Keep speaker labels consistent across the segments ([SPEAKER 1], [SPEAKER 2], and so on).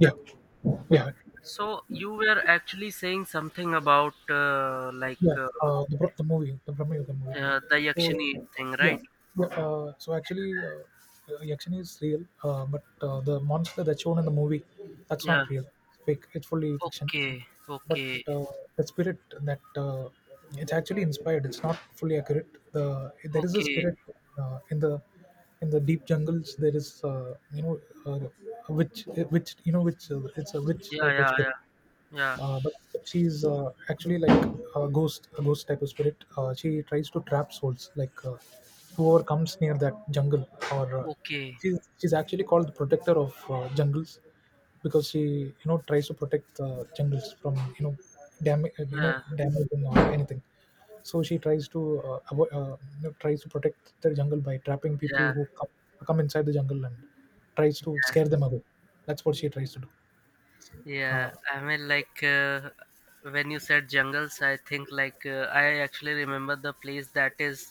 [SPEAKER 1] Yeah, yeah,
[SPEAKER 2] So you were actually saying something about
[SPEAKER 1] yeah. The movie, the Brahma Yoga movie.
[SPEAKER 2] the
[SPEAKER 1] So
[SPEAKER 2] Yakshini thing,
[SPEAKER 1] yeah,
[SPEAKER 2] right?
[SPEAKER 1] yeah. So actually, Yakshan is real, but the monster that's shown in the movie, that's
[SPEAKER 2] Yeah.
[SPEAKER 1] not real. It's fake. It's fully fiction.
[SPEAKER 2] Okay.
[SPEAKER 1] But
[SPEAKER 2] Okay.
[SPEAKER 1] uh, the spirit that it's actually inspired. It's not fully accurate. There is a
[SPEAKER 2] Okay.
[SPEAKER 1] spirit uh, in the in the deep jungles. There is you know uh, a witch you know which it's a witch
[SPEAKER 2] Yeah.
[SPEAKER 1] type of
[SPEAKER 2] Yeah.
[SPEAKER 1] spirit
[SPEAKER 2] Yeah. Yeah.
[SPEAKER 1] but she's actually like a ghost type of spirit, she tries to trap souls like whoever comes near that jungle or
[SPEAKER 2] Okay.
[SPEAKER 1] she's actually called the protector of jungles because she you know tries to protect the jungles from you know damage you know
[SPEAKER 2] Yeah.
[SPEAKER 1] damaging or anything. So she tries to you know, tries to protect the jungle by trapping people
[SPEAKER 2] Yeah.
[SPEAKER 1] who come, come inside the jungle and tries to scare them away. That's what she tries to do. uh,
[SPEAKER 2] Yeah. When you said jungles, I think I actually remember the place that is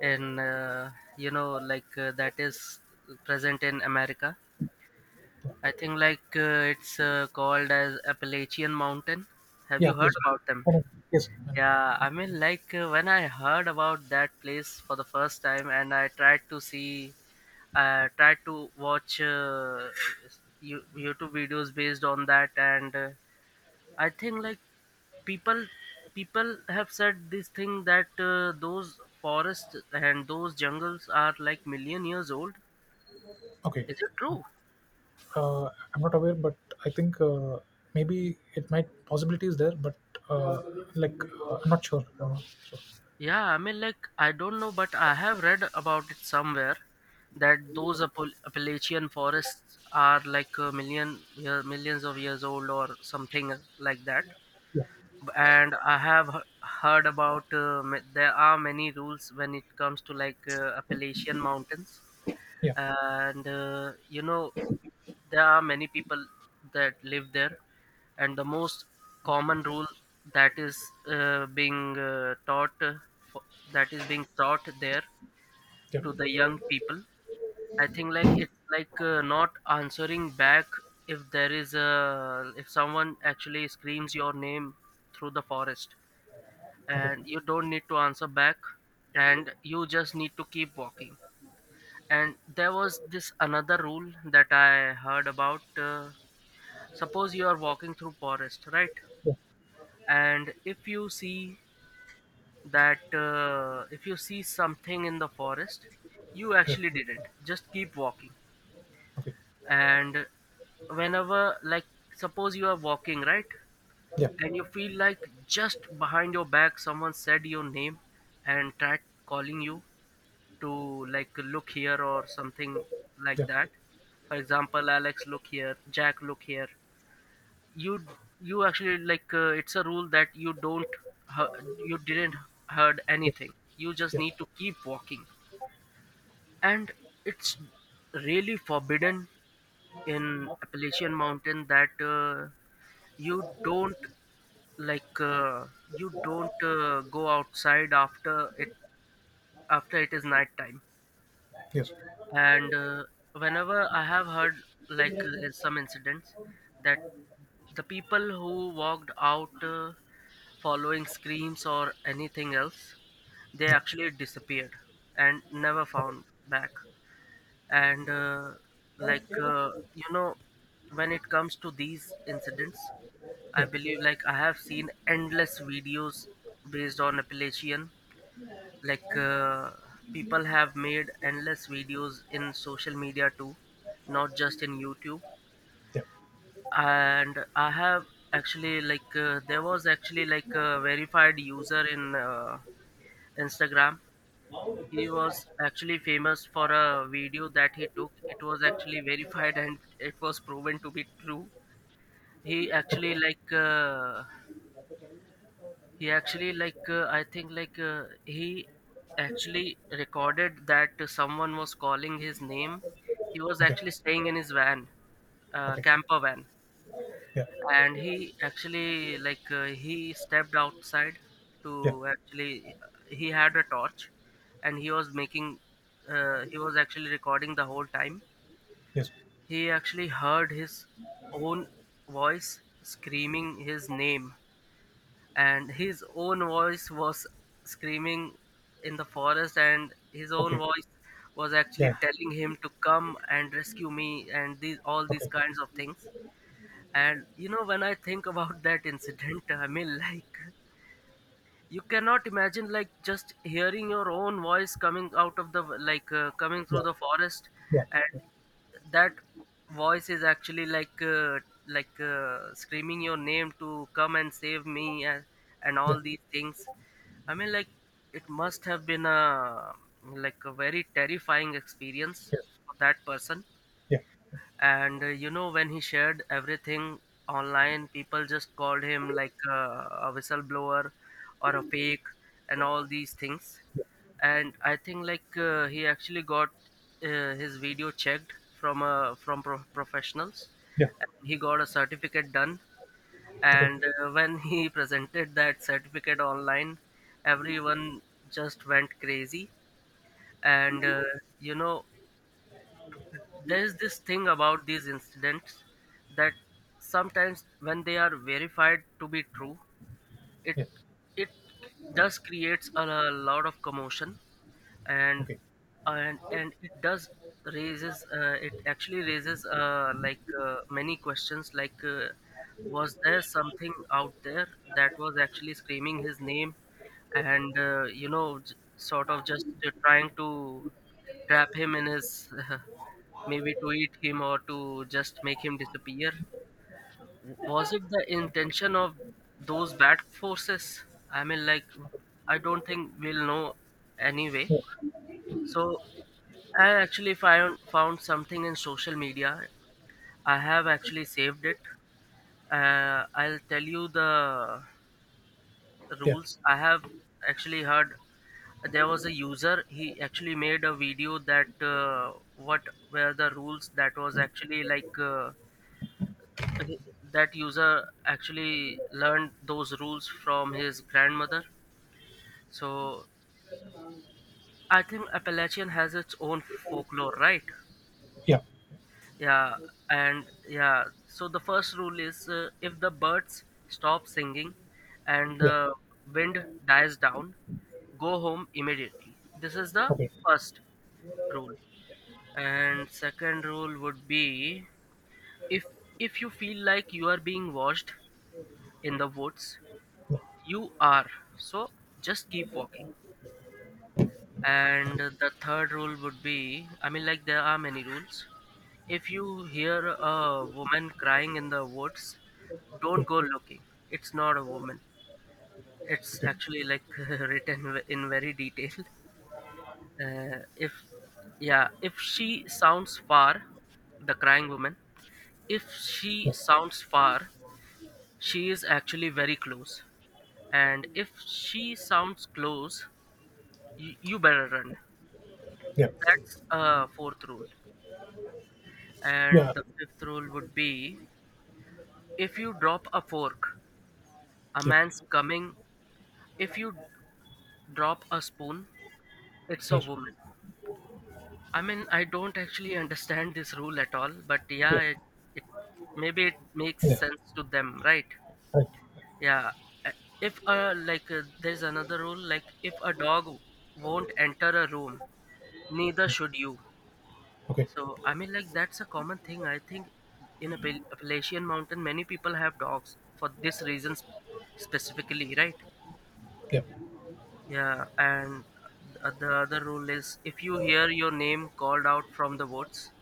[SPEAKER 2] in you know like that is present in America. I think it's called as Appalachian Mountain. Have you
[SPEAKER 1] Yeah,
[SPEAKER 2] heard
[SPEAKER 1] please.
[SPEAKER 2] about them?
[SPEAKER 1] Um, Yes.
[SPEAKER 2] Yeah, I mean when I heard about that place for the first time and I tried to see I tried to watch YouTube videos based on that and I think like people people have said this thing that those forests and those jungles are like million years old.
[SPEAKER 1] Okay.
[SPEAKER 2] Is it true?
[SPEAKER 1] Uh, I'm not aware, but I think maybe it might possibility is there, but uh, I'm not sure. I'm not sure.
[SPEAKER 2] Yeah, I mean, like, I don't know, but I have read about it somewhere that those Appalachian forests are like a million year, millions of years old or something like that.
[SPEAKER 1] Yeah.
[SPEAKER 2] And I have heard about there are many rules when it comes to Appalachian mountains,
[SPEAKER 1] Yeah.
[SPEAKER 2] and you know, there are many people that live there, and the most common rule that is uh, being uh, taught uh, fo- that is being taught there
[SPEAKER 1] Yeah.
[SPEAKER 2] to the young people. I think like it's not answering back. If there is a if someone actually screams your name through the forest,
[SPEAKER 1] Okay.
[SPEAKER 2] and you don't need to answer back, and you just need to keep walking. And there was this another rule that I heard about, suppose you are walking through forest, right?
[SPEAKER 1] Yeah.
[SPEAKER 2] And if you see that if you see something in the forest, you
[SPEAKER 1] Yeah.
[SPEAKER 2] actually didn't just keep walking.
[SPEAKER 1] Okay.
[SPEAKER 2] And whenever like suppose you are walking, right?
[SPEAKER 1] Yeah.
[SPEAKER 2] And you feel like just behind your back someone said your name and tried calling you to like look here or something like
[SPEAKER 1] Yeah.
[SPEAKER 2] that. For example, Alex, look here. Jack, look here. You you actually it's a rule that you don't you didn't heard anything. You just
[SPEAKER 1] Yeah. Yeah.
[SPEAKER 2] need to keep walking. And it's really forbidden in Appalachian Mountain that you don't like uh, you don't go outside after it is night time.
[SPEAKER 1] Yes.
[SPEAKER 2] And whenever
[SPEAKER 1] Yeah.
[SPEAKER 2] I have heard some incidents that the people who walked out, following screams or anything else, they actually disappeared and never
[SPEAKER 1] Okay.
[SPEAKER 2] found back. And you know, when it comes to these incidents, I
[SPEAKER 1] Yeah.
[SPEAKER 2] believe like I have seen endless videos based on Appalachian, like uh, people have made endless videos in social media too, not just in YouTube.
[SPEAKER 1] Yeah.
[SPEAKER 2] And I have actually there was actually like a verified user in Instagram. He was actually famous for a video that he took. It was actually verified and it was proven to be true. He actually
[SPEAKER 1] Okay.
[SPEAKER 2] like he actually like I think like He actually recorded that someone was calling his name. He was
[SPEAKER 1] Okay.
[SPEAKER 2] actually staying in his van,
[SPEAKER 1] Okay.
[SPEAKER 2] camper van.
[SPEAKER 1] Yeah.
[SPEAKER 2] And he actually he stepped outside
[SPEAKER 1] Yeah.
[SPEAKER 2] to actually he had a torch and he was making he was actually recording the whole time.
[SPEAKER 1] Yes.
[SPEAKER 2] He actually heard his own voice screaming his name, and his own voice was screaming in the forest, and his own
[SPEAKER 1] Okay.
[SPEAKER 2] voice was actually
[SPEAKER 1] Yeah.
[SPEAKER 2] telling him to come and rescue me, and these all these
[SPEAKER 1] Okay.
[SPEAKER 2] kinds of things. And you know, when I think about that incident, I mean, like you cannot imagine like just hearing your own voice coming out of the coming through
[SPEAKER 1] Yeah.
[SPEAKER 2] the forest.
[SPEAKER 1] Yeah.
[SPEAKER 2] And that voice is actually screaming your name to come and save me, and
[SPEAKER 1] Yeah.
[SPEAKER 2] all these things. I mean, like it must have been a like a very terrifying experience
[SPEAKER 1] Yeah. Yes.
[SPEAKER 2] for that person.
[SPEAKER 1] Yeah.
[SPEAKER 2] And you know, when he shared everything online, people just called him a whistleblower or a fake and all these things.
[SPEAKER 1] Yeah.
[SPEAKER 2] And I think he actually got his video checked from professionals.
[SPEAKER 1] Yeah.
[SPEAKER 2] He got a certificate done,
[SPEAKER 1] Okay.
[SPEAKER 2] and when he presented that certificate online, everyone just went crazy. And you know, there's this thing about these incidents that sometimes when they are verified to be true, it
[SPEAKER 1] Yeah.
[SPEAKER 2] it does creates a lot of commotion. and
[SPEAKER 1] Okay.
[SPEAKER 2] and and it does raises it actually raises many questions was there something out there that was actually screaming his name. And you know, sort of just trying to trap him in his maybe to eat him or to just make him disappear. Was it the intention of those bad forces? I mean like I don't think we'll know anyway. So I actually found something in social media. I have actually saved it. I'll tell you the
[SPEAKER 1] Yeah.
[SPEAKER 2] rules I have actually heard. There was a user. He actually made a video that what were the rules that was actually he- that user actually learned those rules from his grandmother. So I think Appalachian has its own folklore, right?
[SPEAKER 1] Yeah.
[SPEAKER 2] Yeah, and yeah. So the first rule is, if the birds stop singing and
[SPEAKER 1] Yeah. Yeah.
[SPEAKER 2] the wind dies down, go home immediately. This is the
[SPEAKER 1] Okay.
[SPEAKER 2] first rule. And second rule would be if if you feel like you are being watched in the woods,
[SPEAKER 1] Yeah.
[SPEAKER 2] you are so just keep walking. And the third rule would be I mean like there are many rules if you hear a woman crying in the woods, don't go looking. It's not a woman. It's
[SPEAKER 1] Yeah.
[SPEAKER 2] actually like written in very detail. If Yeah, if she sounds far, the crying woman, if
[SPEAKER 1] Okay.
[SPEAKER 2] she
[SPEAKER 1] Yeah.
[SPEAKER 2] sounds far, she is actually very close. And if she sounds close, you better run.
[SPEAKER 1] Yeah.
[SPEAKER 2] That's a fourth rule. And the fifth rule would be if you drop a fork, a
[SPEAKER 1] Yeah.
[SPEAKER 2] man's
[SPEAKER 1] Yeah.
[SPEAKER 2] coming. If you drop a spoon, it's a
[SPEAKER 1] Yes.
[SPEAKER 2] woman. I mean, I don't actually understand this rule at all, but yeah,
[SPEAKER 1] Yeah.
[SPEAKER 2] it maybe it makes
[SPEAKER 1] Yeah.
[SPEAKER 2] sense to them, right?
[SPEAKER 1] Right.
[SPEAKER 2] Yeah. a- If there's another rule, like if a dog won't enter a room, neither
[SPEAKER 1] Yeah.
[SPEAKER 2] should you.
[SPEAKER 1] Okay.
[SPEAKER 2] So I mean, like that's a common thing. I think in Appalachian Mountain, many people have dogs for this reason specifically, right?
[SPEAKER 1] Yeah.
[SPEAKER 2] Yeah, and the other rule is if you hear your name called out from the woods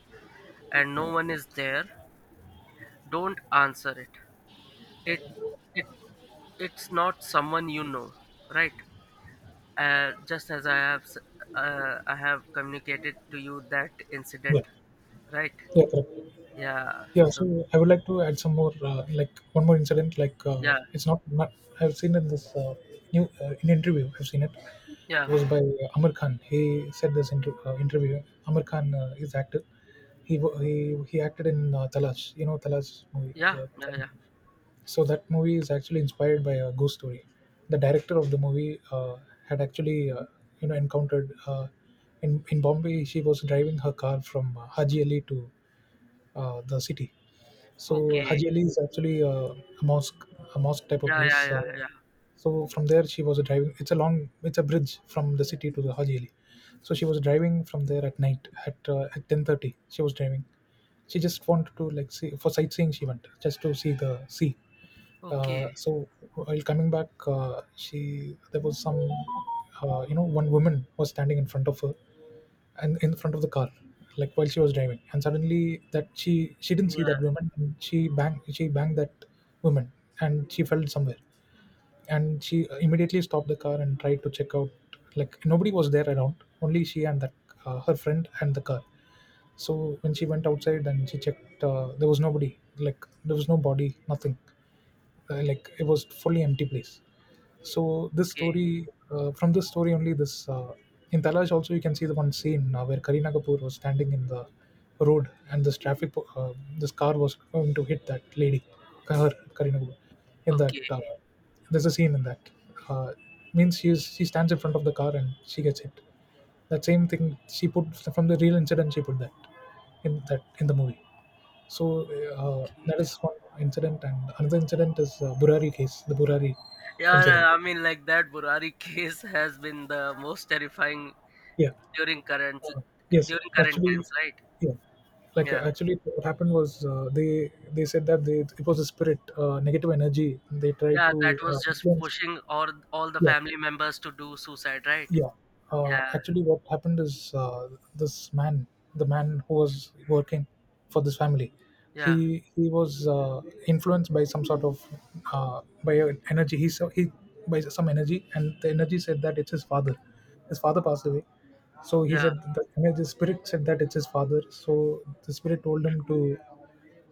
[SPEAKER 2] and no one is there, don't answer it. It it it's not someone you know, right? Just as I have communicated to you that
[SPEAKER 1] Yeah.
[SPEAKER 2] incident, right?
[SPEAKER 1] Yeah. Correct.
[SPEAKER 2] Yeah.
[SPEAKER 1] Yeah,
[SPEAKER 2] So
[SPEAKER 1] so I would like to add some more, like one more incident. Like
[SPEAKER 2] yeah,
[SPEAKER 1] it's not, I've seen in this new in interview. I've seen it.
[SPEAKER 2] yeah.
[SPEAKER 1] It was by Amir Khan. He said this interview. Amir Khan is actor. He wa- he acted in Talash. You know Talash movie.
[SPEAKER 2] Yeah,
[SPEAKER 1] The,
[SPEAKER 2] yeah, yeah.
[SPEAKER 1] so that movie is actually inspired by a ghost story. The director of the movie had actually you know encountered in Bombay. She was driving her car from Haji Ali to the city. So
[SPEAKER 2] Okay.
[SPEAKER 1] Haji Ali is actually a mosque, a mosque type of
[SPEAKER 2] Yeah, yeah,
[SPEAKER 1] place. Uh,
[SPEAKER 2] yeah, yeah.
[SPEAKER 1] so from there she was driving. It's a long, it's a bridge from the city to the Haji Ali. So she was driving from there at night at 10:30. She was driving. She just wanted to like see for sightseeing. She went just to see the sea. uh,
[SPEAKER 2] Okay.
[SPEAKER 1] so while coming back she there was some you know one woman was standing in front of her and in front of the car like while she was driving. And suddenly that she didn't see
[SPEAKER 2] Yeah,
[SPEAKER 1] that woman and she banged that woman and she fell somewhere. And she immediately stopped the car and tried to check out, like nobody was there around, only she and that her friend and the car. So when she went outside and she checked, there was nobody, like there was no body, nothing. Like it was fully empty place. So this
[SPEAKER 2] okay,
[SPEAKER 1] story, from this story only this, in Talash also you can see the one scene where Kareena Kapoor was standing in the road, and this this car was going to hit that lady, her, Kareena Kapoor, in that,
[SPEAKER 2] okay,
[SPEAKER 1] there's a scene in that, uh, means she stands in front of the car and she gets hit. That same thing she put from the real incident, she put that in that in the movie. So that
[SPEAKER 2] okay.
[SPEAKER 1] is one incident, and another incident is Burari case, the Burari
[SPEAKER 2] Yeah,
[SPEAKER 1] incident.
[SPEAKER 2] nah, I mean, like that Burari case has been the most terrifying
[SPEAKER 1] Yeah,
[SPEAKER 2] during current
[SPEAKER 1] uh, yes,
[SPEAKER 2] during current
[SPEAKER 1] actually,
[SPEAKER 2] times, right?
[SPEAKER 1] yeah,
[SPEAKER 2] Yeah,
[SPEAKER 1] actually, what happened was they said that they, it was a spirit, negative energy. They tried
[SPEAKER 2] yeah. That
[SPEAKER 1] to
[SPEAKER 2] was just
[SPEAKER 1] influence.
[SPEAKER 2] pushing all the
[SPEAKER 1] Yeah,
[SPEAKER 2] family members to do suicide, right?
[SPEAKER 1] yeah,
[SPEAKER 2] Yeah,
[SPEAKER 1] actually, what happened is this man, the man who was working for this family,
[SPEAKER 2] yeah,
[SPEAKER 1] he was influenced by some sort of by an energy. He saw he by some energy, and the energy said that it's his father. His father passed away, so he
[SPEAKER 2] yeah.
[SPEAKER 1] said that the spirit said that it's his father. So the spirit told him to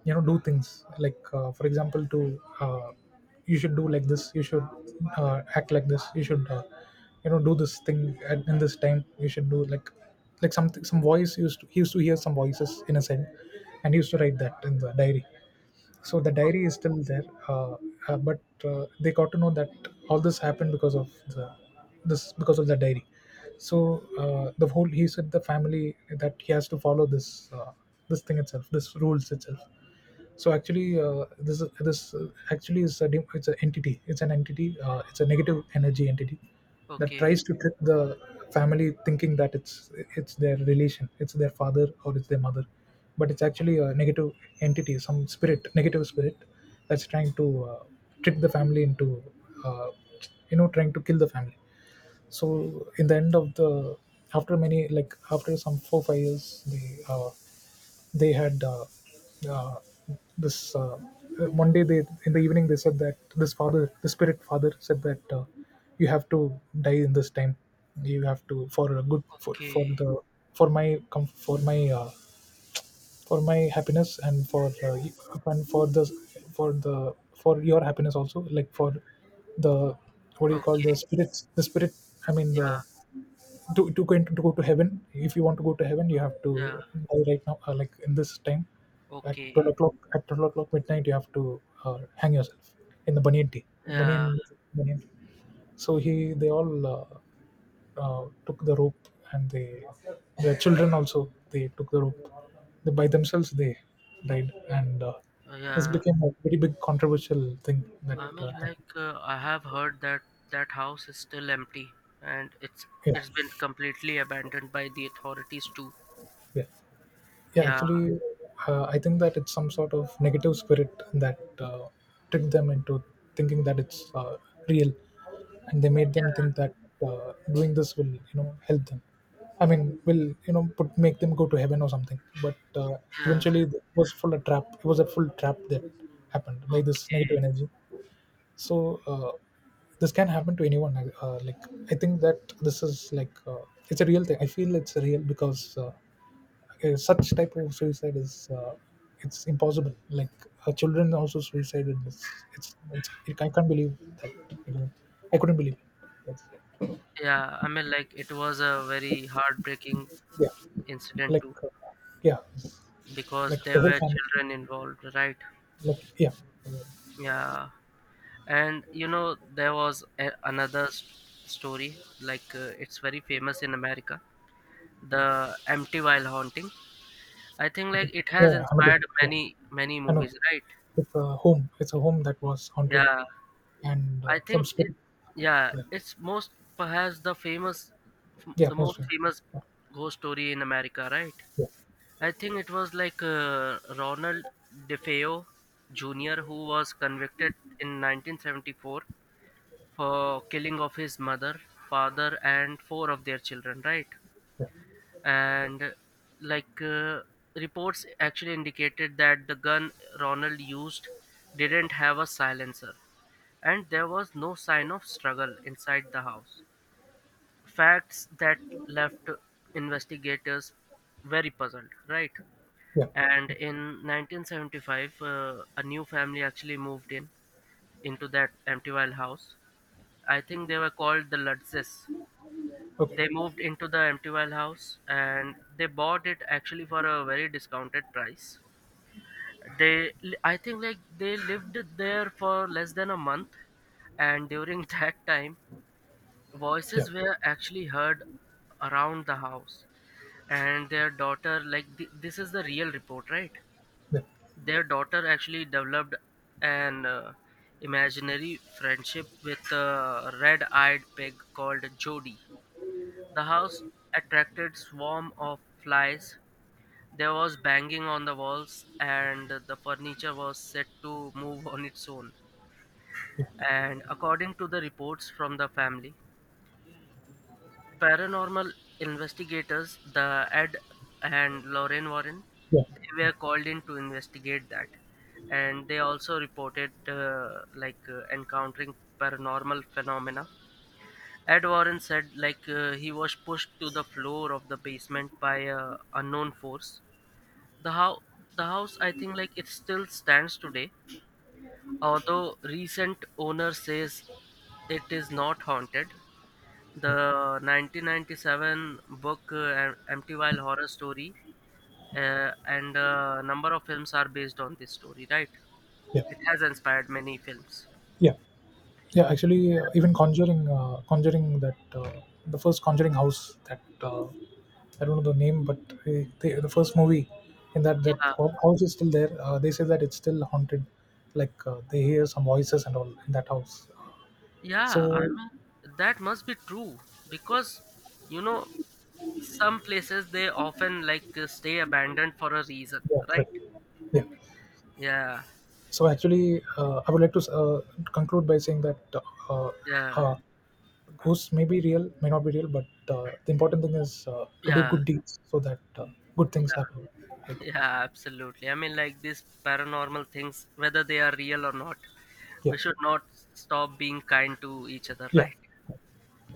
[SPEAKER 1] you know do things like for example to you should do like this, you should act like this, you should you know do this thing in this time, you should do like something. Some voice, he used to hear some voices in his head, and he used to write that in the diary. So the diary is still there, but they got to know that all this happened because of the, this because of the diary. So the whole he said the family that he has to follow this, uh, this thing itself, this rules itself. So actually this is- this actually is a it's an entity, it's an entity, it's a negative energy entity that
[SPEAKER 2] Okay,
[SPEAKER 1] tries to trick the family thinking that it's their relation, it's their father or it's their mother, but it's actually a negative entity, some spirit, negative spirit that's trying to trick the family into uh, you know trying to kill the family. So in the end of the, after many like after some 4 or 5 years they had uh, this one day they in the evening they said that this father the spirit father said that you have to die in this time. You have to, for a good for
[SPEAKER 2] okay,
[SPEAKER 1] the, for my for my for my happiness and for and for the for the for your happiness also, like for the, what do you call
[SPEAKER 2] okay.
[SPEAKER 1] the spirits, the spirit, I mean the,
[SPEAKER 2] Yeah,
[SPEAKER 1] to go into, to go to heaven, if you want to go to heaven you have to
[SPEAKER 2] yeah.
[SPEAKER 1] die right now, like in this time, at
[SPEAKER 2] Okay.
[SPEAKER 1] 12 o'clock, at 12 o'clock midnight you have to hang yourself in the banyan tree,
[SPEAKER 2] Yeah,
[SPEAKER 1] banyan, banyan tree. So he they all took the rope, and they, their children also, they took the rope, they by themselves they died. And this
[SPEAKER 2] yeah.
[SPEAKER 1] became a very big controversial thing that
[SPEAKER 2] I mean,
[SPEAKER 1] happened.
[SPEAKER 2] I have heard that that house is still empty, and
[SPEAKER 1] Yeah,
[SPEAKER 2] it's been completely abandoned by the authorities too.
[SPEAKER 1] yeah. Yeah,
[SPEAKER 2] Yeah,
[SPEAKER 1] actually, I think that it's some sort of negative spirit that tricked them into thinking that it's real, and they made them think that doing this will, you know, help them. I mean, will you know, put make them go to heaven or something. But
[SPEAKER 2] yeah,
[SPEAKER 1] eventually, it was full of trap. It was a full trap that happened by this
[SPEAKER 2] okay,
[SPEAKER 1] negative energy. So this can happen to anyone. Like I think that this is it's a real thing. I feel it's real because. Such type of suicide is uh, it's impossible, like children also suicided, it's it, I can't believe that, you know, I couldn't believe it. That's-
[SPEAKER 2] yeah. I mean, like it was a very heartbreaking
[SPEAKER 1] yeah,
[SPEAKER 2] incident
[SPEAKER 1] like
[SPEAKER 2] too,
[SPEAKER 1] uh, yeah,
[SPEAKER 2] because
[SPEAKER 1] like the
[SPEAKER 2] there
[SPEAKER 1] whole
[SPEAKER 2] were
[SPEAKER 1] family,
[SPEAKER 2] children involved, right?
[SPEAKER 1] like yeah.
[SPEAKER 2] Yeah, and you know, there was a, another s story, it's very famous in America, the Empty While Haunting. I think like
[SPEAKER 1] Okay.
[SPEAKER 2] it has
[SPEAKER 1] Oh Hamilton.
[SPEAKER 2] inspired
[SPEAKER 1] Yeah,
[SPEAKER 2] many
[SPEAKER 1] I know,
[SPEAKER 2] movies, right?
[SPEAKER 1] it's a home, it's a home that was haunted,
[SPEAKER 2] Yeah,
[SPEAKER 1] and
[SPEAKER 2] I
[SPEAKER 1] some
[SPEAKER 2] think it,
[SPEAKER 1] spirit
[SPEAKER 2] yeah,
[SPEAKER 1] there.
[SPEAKER 2] it's most perhaps the famous,
[SPEAKER 1] Yeah,
[SPEAKER 2] the most
[SPEAKER 1] mostly.
[SPEAKER 2] famous ghost story in America, right?
[SPEAKER 1] Yeah, yeah,
[SPEAKER 2] I think it was Ronald DeFeo Jr. who was convicted in 1974 for killing of his mother, father, and four of their children, right?
[SPEAKER 1] yeah,
[SPEAKER 2] And like uh, reports actually indicated that the gun Ronald used didn't have a silencer, and there was no sign of struggle inside the house. Facts that left investigators very puzzled, right?
[SPEAKER 1] yeah.
[SPEAKER 2] And in 1975, a new family actually moved in into that empty Wild house. I think they were called the Lutzes. They
[SPEAKER 1] Okay.
[SPEAKER 2] moved into the empty Wild house and they bought it actually for a very discounted price. They, I think, like they lived there for less than a month, and during that time,
[SPEAKER 1] Yeah,
[SPEAKER 2] voices were actually heard around the house. And their daughter, this is the real report, right?
[SPEAKER 1] yeah,
[SPEAKER 2] Their daughter actually developed an imaginary friendship with a red-eyed pig called Jody. The house attracted swarm of flies. There was banging on the walls and the furniture was set to move on its own.
[SPEAKER 1] yeah,
[SPEAKER 2] And according to the reports from the family, paranormal investigators, the Ed and Lorraine Warren,
[SPEAKER 1] yeah,
[SPEAKER 2] they
[SPEAKER 1] yeah.
[SPEAKER 2] were called in to investigate that. And they also reported encountering paranormal phenomena. Ed Warren said he was pushed to the floor of the basement by a unknown force. The house, the house, I think like it still stands today, although recent owner says it is not haunted. The 1997 book, Empty Wild Horror Story, and a number of films are based on this story, right?
[SPEAKER 1] Yeah,
[SPEAKER 2] It has inspired many films.
[SPEAKER 1] yeah. Yeah, actually, even Conjuring, Conjuring, that the first Conjuring house that I don't know the name, but the first movie, in that,
[SPEAKER 2] Yeah,
[SPEAKER 1] house is still there. They say that it's still haunted, they hear some voices and all in that house.
[SPEAKER 2] yeah, I
[SPEAKER 1] So
[SPEAKER 2] mean, that must be true because you know, some places they often stay abandoned for a reason,
[SPEAKER 1] yeah,
[SPEAKER 2] right?
[SPEAKER 1] correct. Yeah.
[SPEAKER 2] Yeah,
[SPEAKER 1] So actually, I would like to conclude by saying that uh,
[SPEAKER 2] yeah.
[SPEAKER 1] uh, ghosts may be real, may not be real, but the important thing is to do
[SPEAKER 2] Yeah,
[SPEAKER 1] good deeds so that good things
[SPEAKER 2] yeah,
[SPEAKER 1] happen. Good.
[SPEAKER 2] yeah, absolutely. I mean, like these paranormal things, whether they are real or not,
[SPEAKER 1] Yeah.
[SPEAKER 2] we should not stop being kind to each other,
[SPEAKER 1] Yeah.
[SPEAKER 2] right?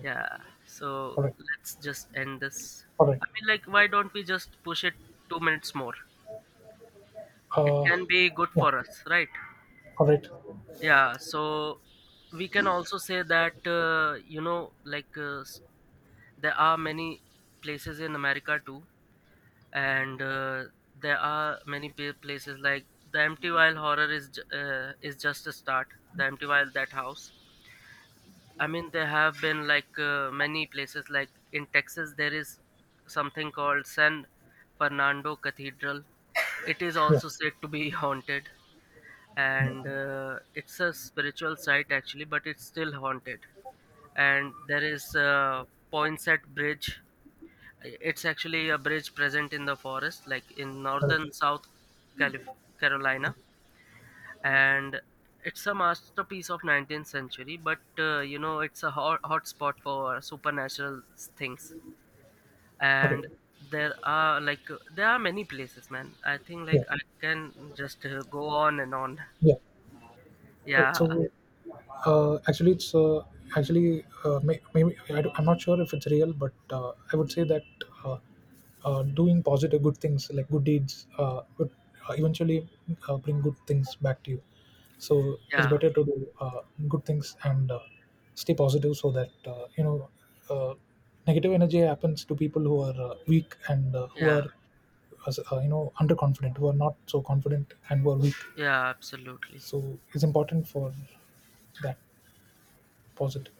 [SPEAKER 2] Yeah. So
[SPEAKER 1] All right.
[SPEAKER 2] let's just end this.
[SPEAKER 1] All right.
[SPEAKER 2] I mean, like, why don't we just push it 2 minutes more? It can
[SPEAKER 1] Uh,
[SPEAKER 2] be good
[SPEAKER 1] yeah.
[SPEAKER 2] for us, right?
[SPEAKER 1] All right.
[SPEAKER 2] Yeah. So we can also say that, you know, like, there are many places in America too, and there are many places like the Empty While Horror is is just a start. The Empty While That House I mean, there have been like many places. Like in Texas, there is something called San Fernando Cathedral. It is
[SPEAKER 1] Yeah.
[SPEAKER 2] also said to be haunted,
[SPEAKER 1] Yeah.
[SPEAKER 2] and it's a spiritual site actually, but it's still haunted. And there is Poinsett Bridge. It's actually a bridge present in the forest, like in
[SPEAKER 1] All right.
[SPEAKER 2] northern South Calif- Carolina, and it's a masterpiece of 19th century, but you know, it's a hot, hot spot for supernatural things.
[SPEAKER 1] Okay.
[SPEAKER 2] And there are there are many places man. I think like
[SPEAKER 1] Yeah.
[SPEAKER 2] I can just go on and on.
[SPEAKER 1] Yeah.
[SPEAKER 2] Yeah,
[SPEAKER 1] So, actually, it's actually maybe I'm not sure if it's real, but I would say that uh, doing positive good things like good deeds would eventually bring good things back to you. So it's
[SPEAKER 2] yeah,
[SPEAKER 1] better to do good things and stay positive, so that you know uh, negative energy happens to people who are weak and who
[SPEAKER 2] yeah,
[SPEAKER 1] are you know underconfident, who are not so confident and who are weak.
[SPEAKER 2] yeah, absolutely.
[SPEAKER 1] So it's important for that positive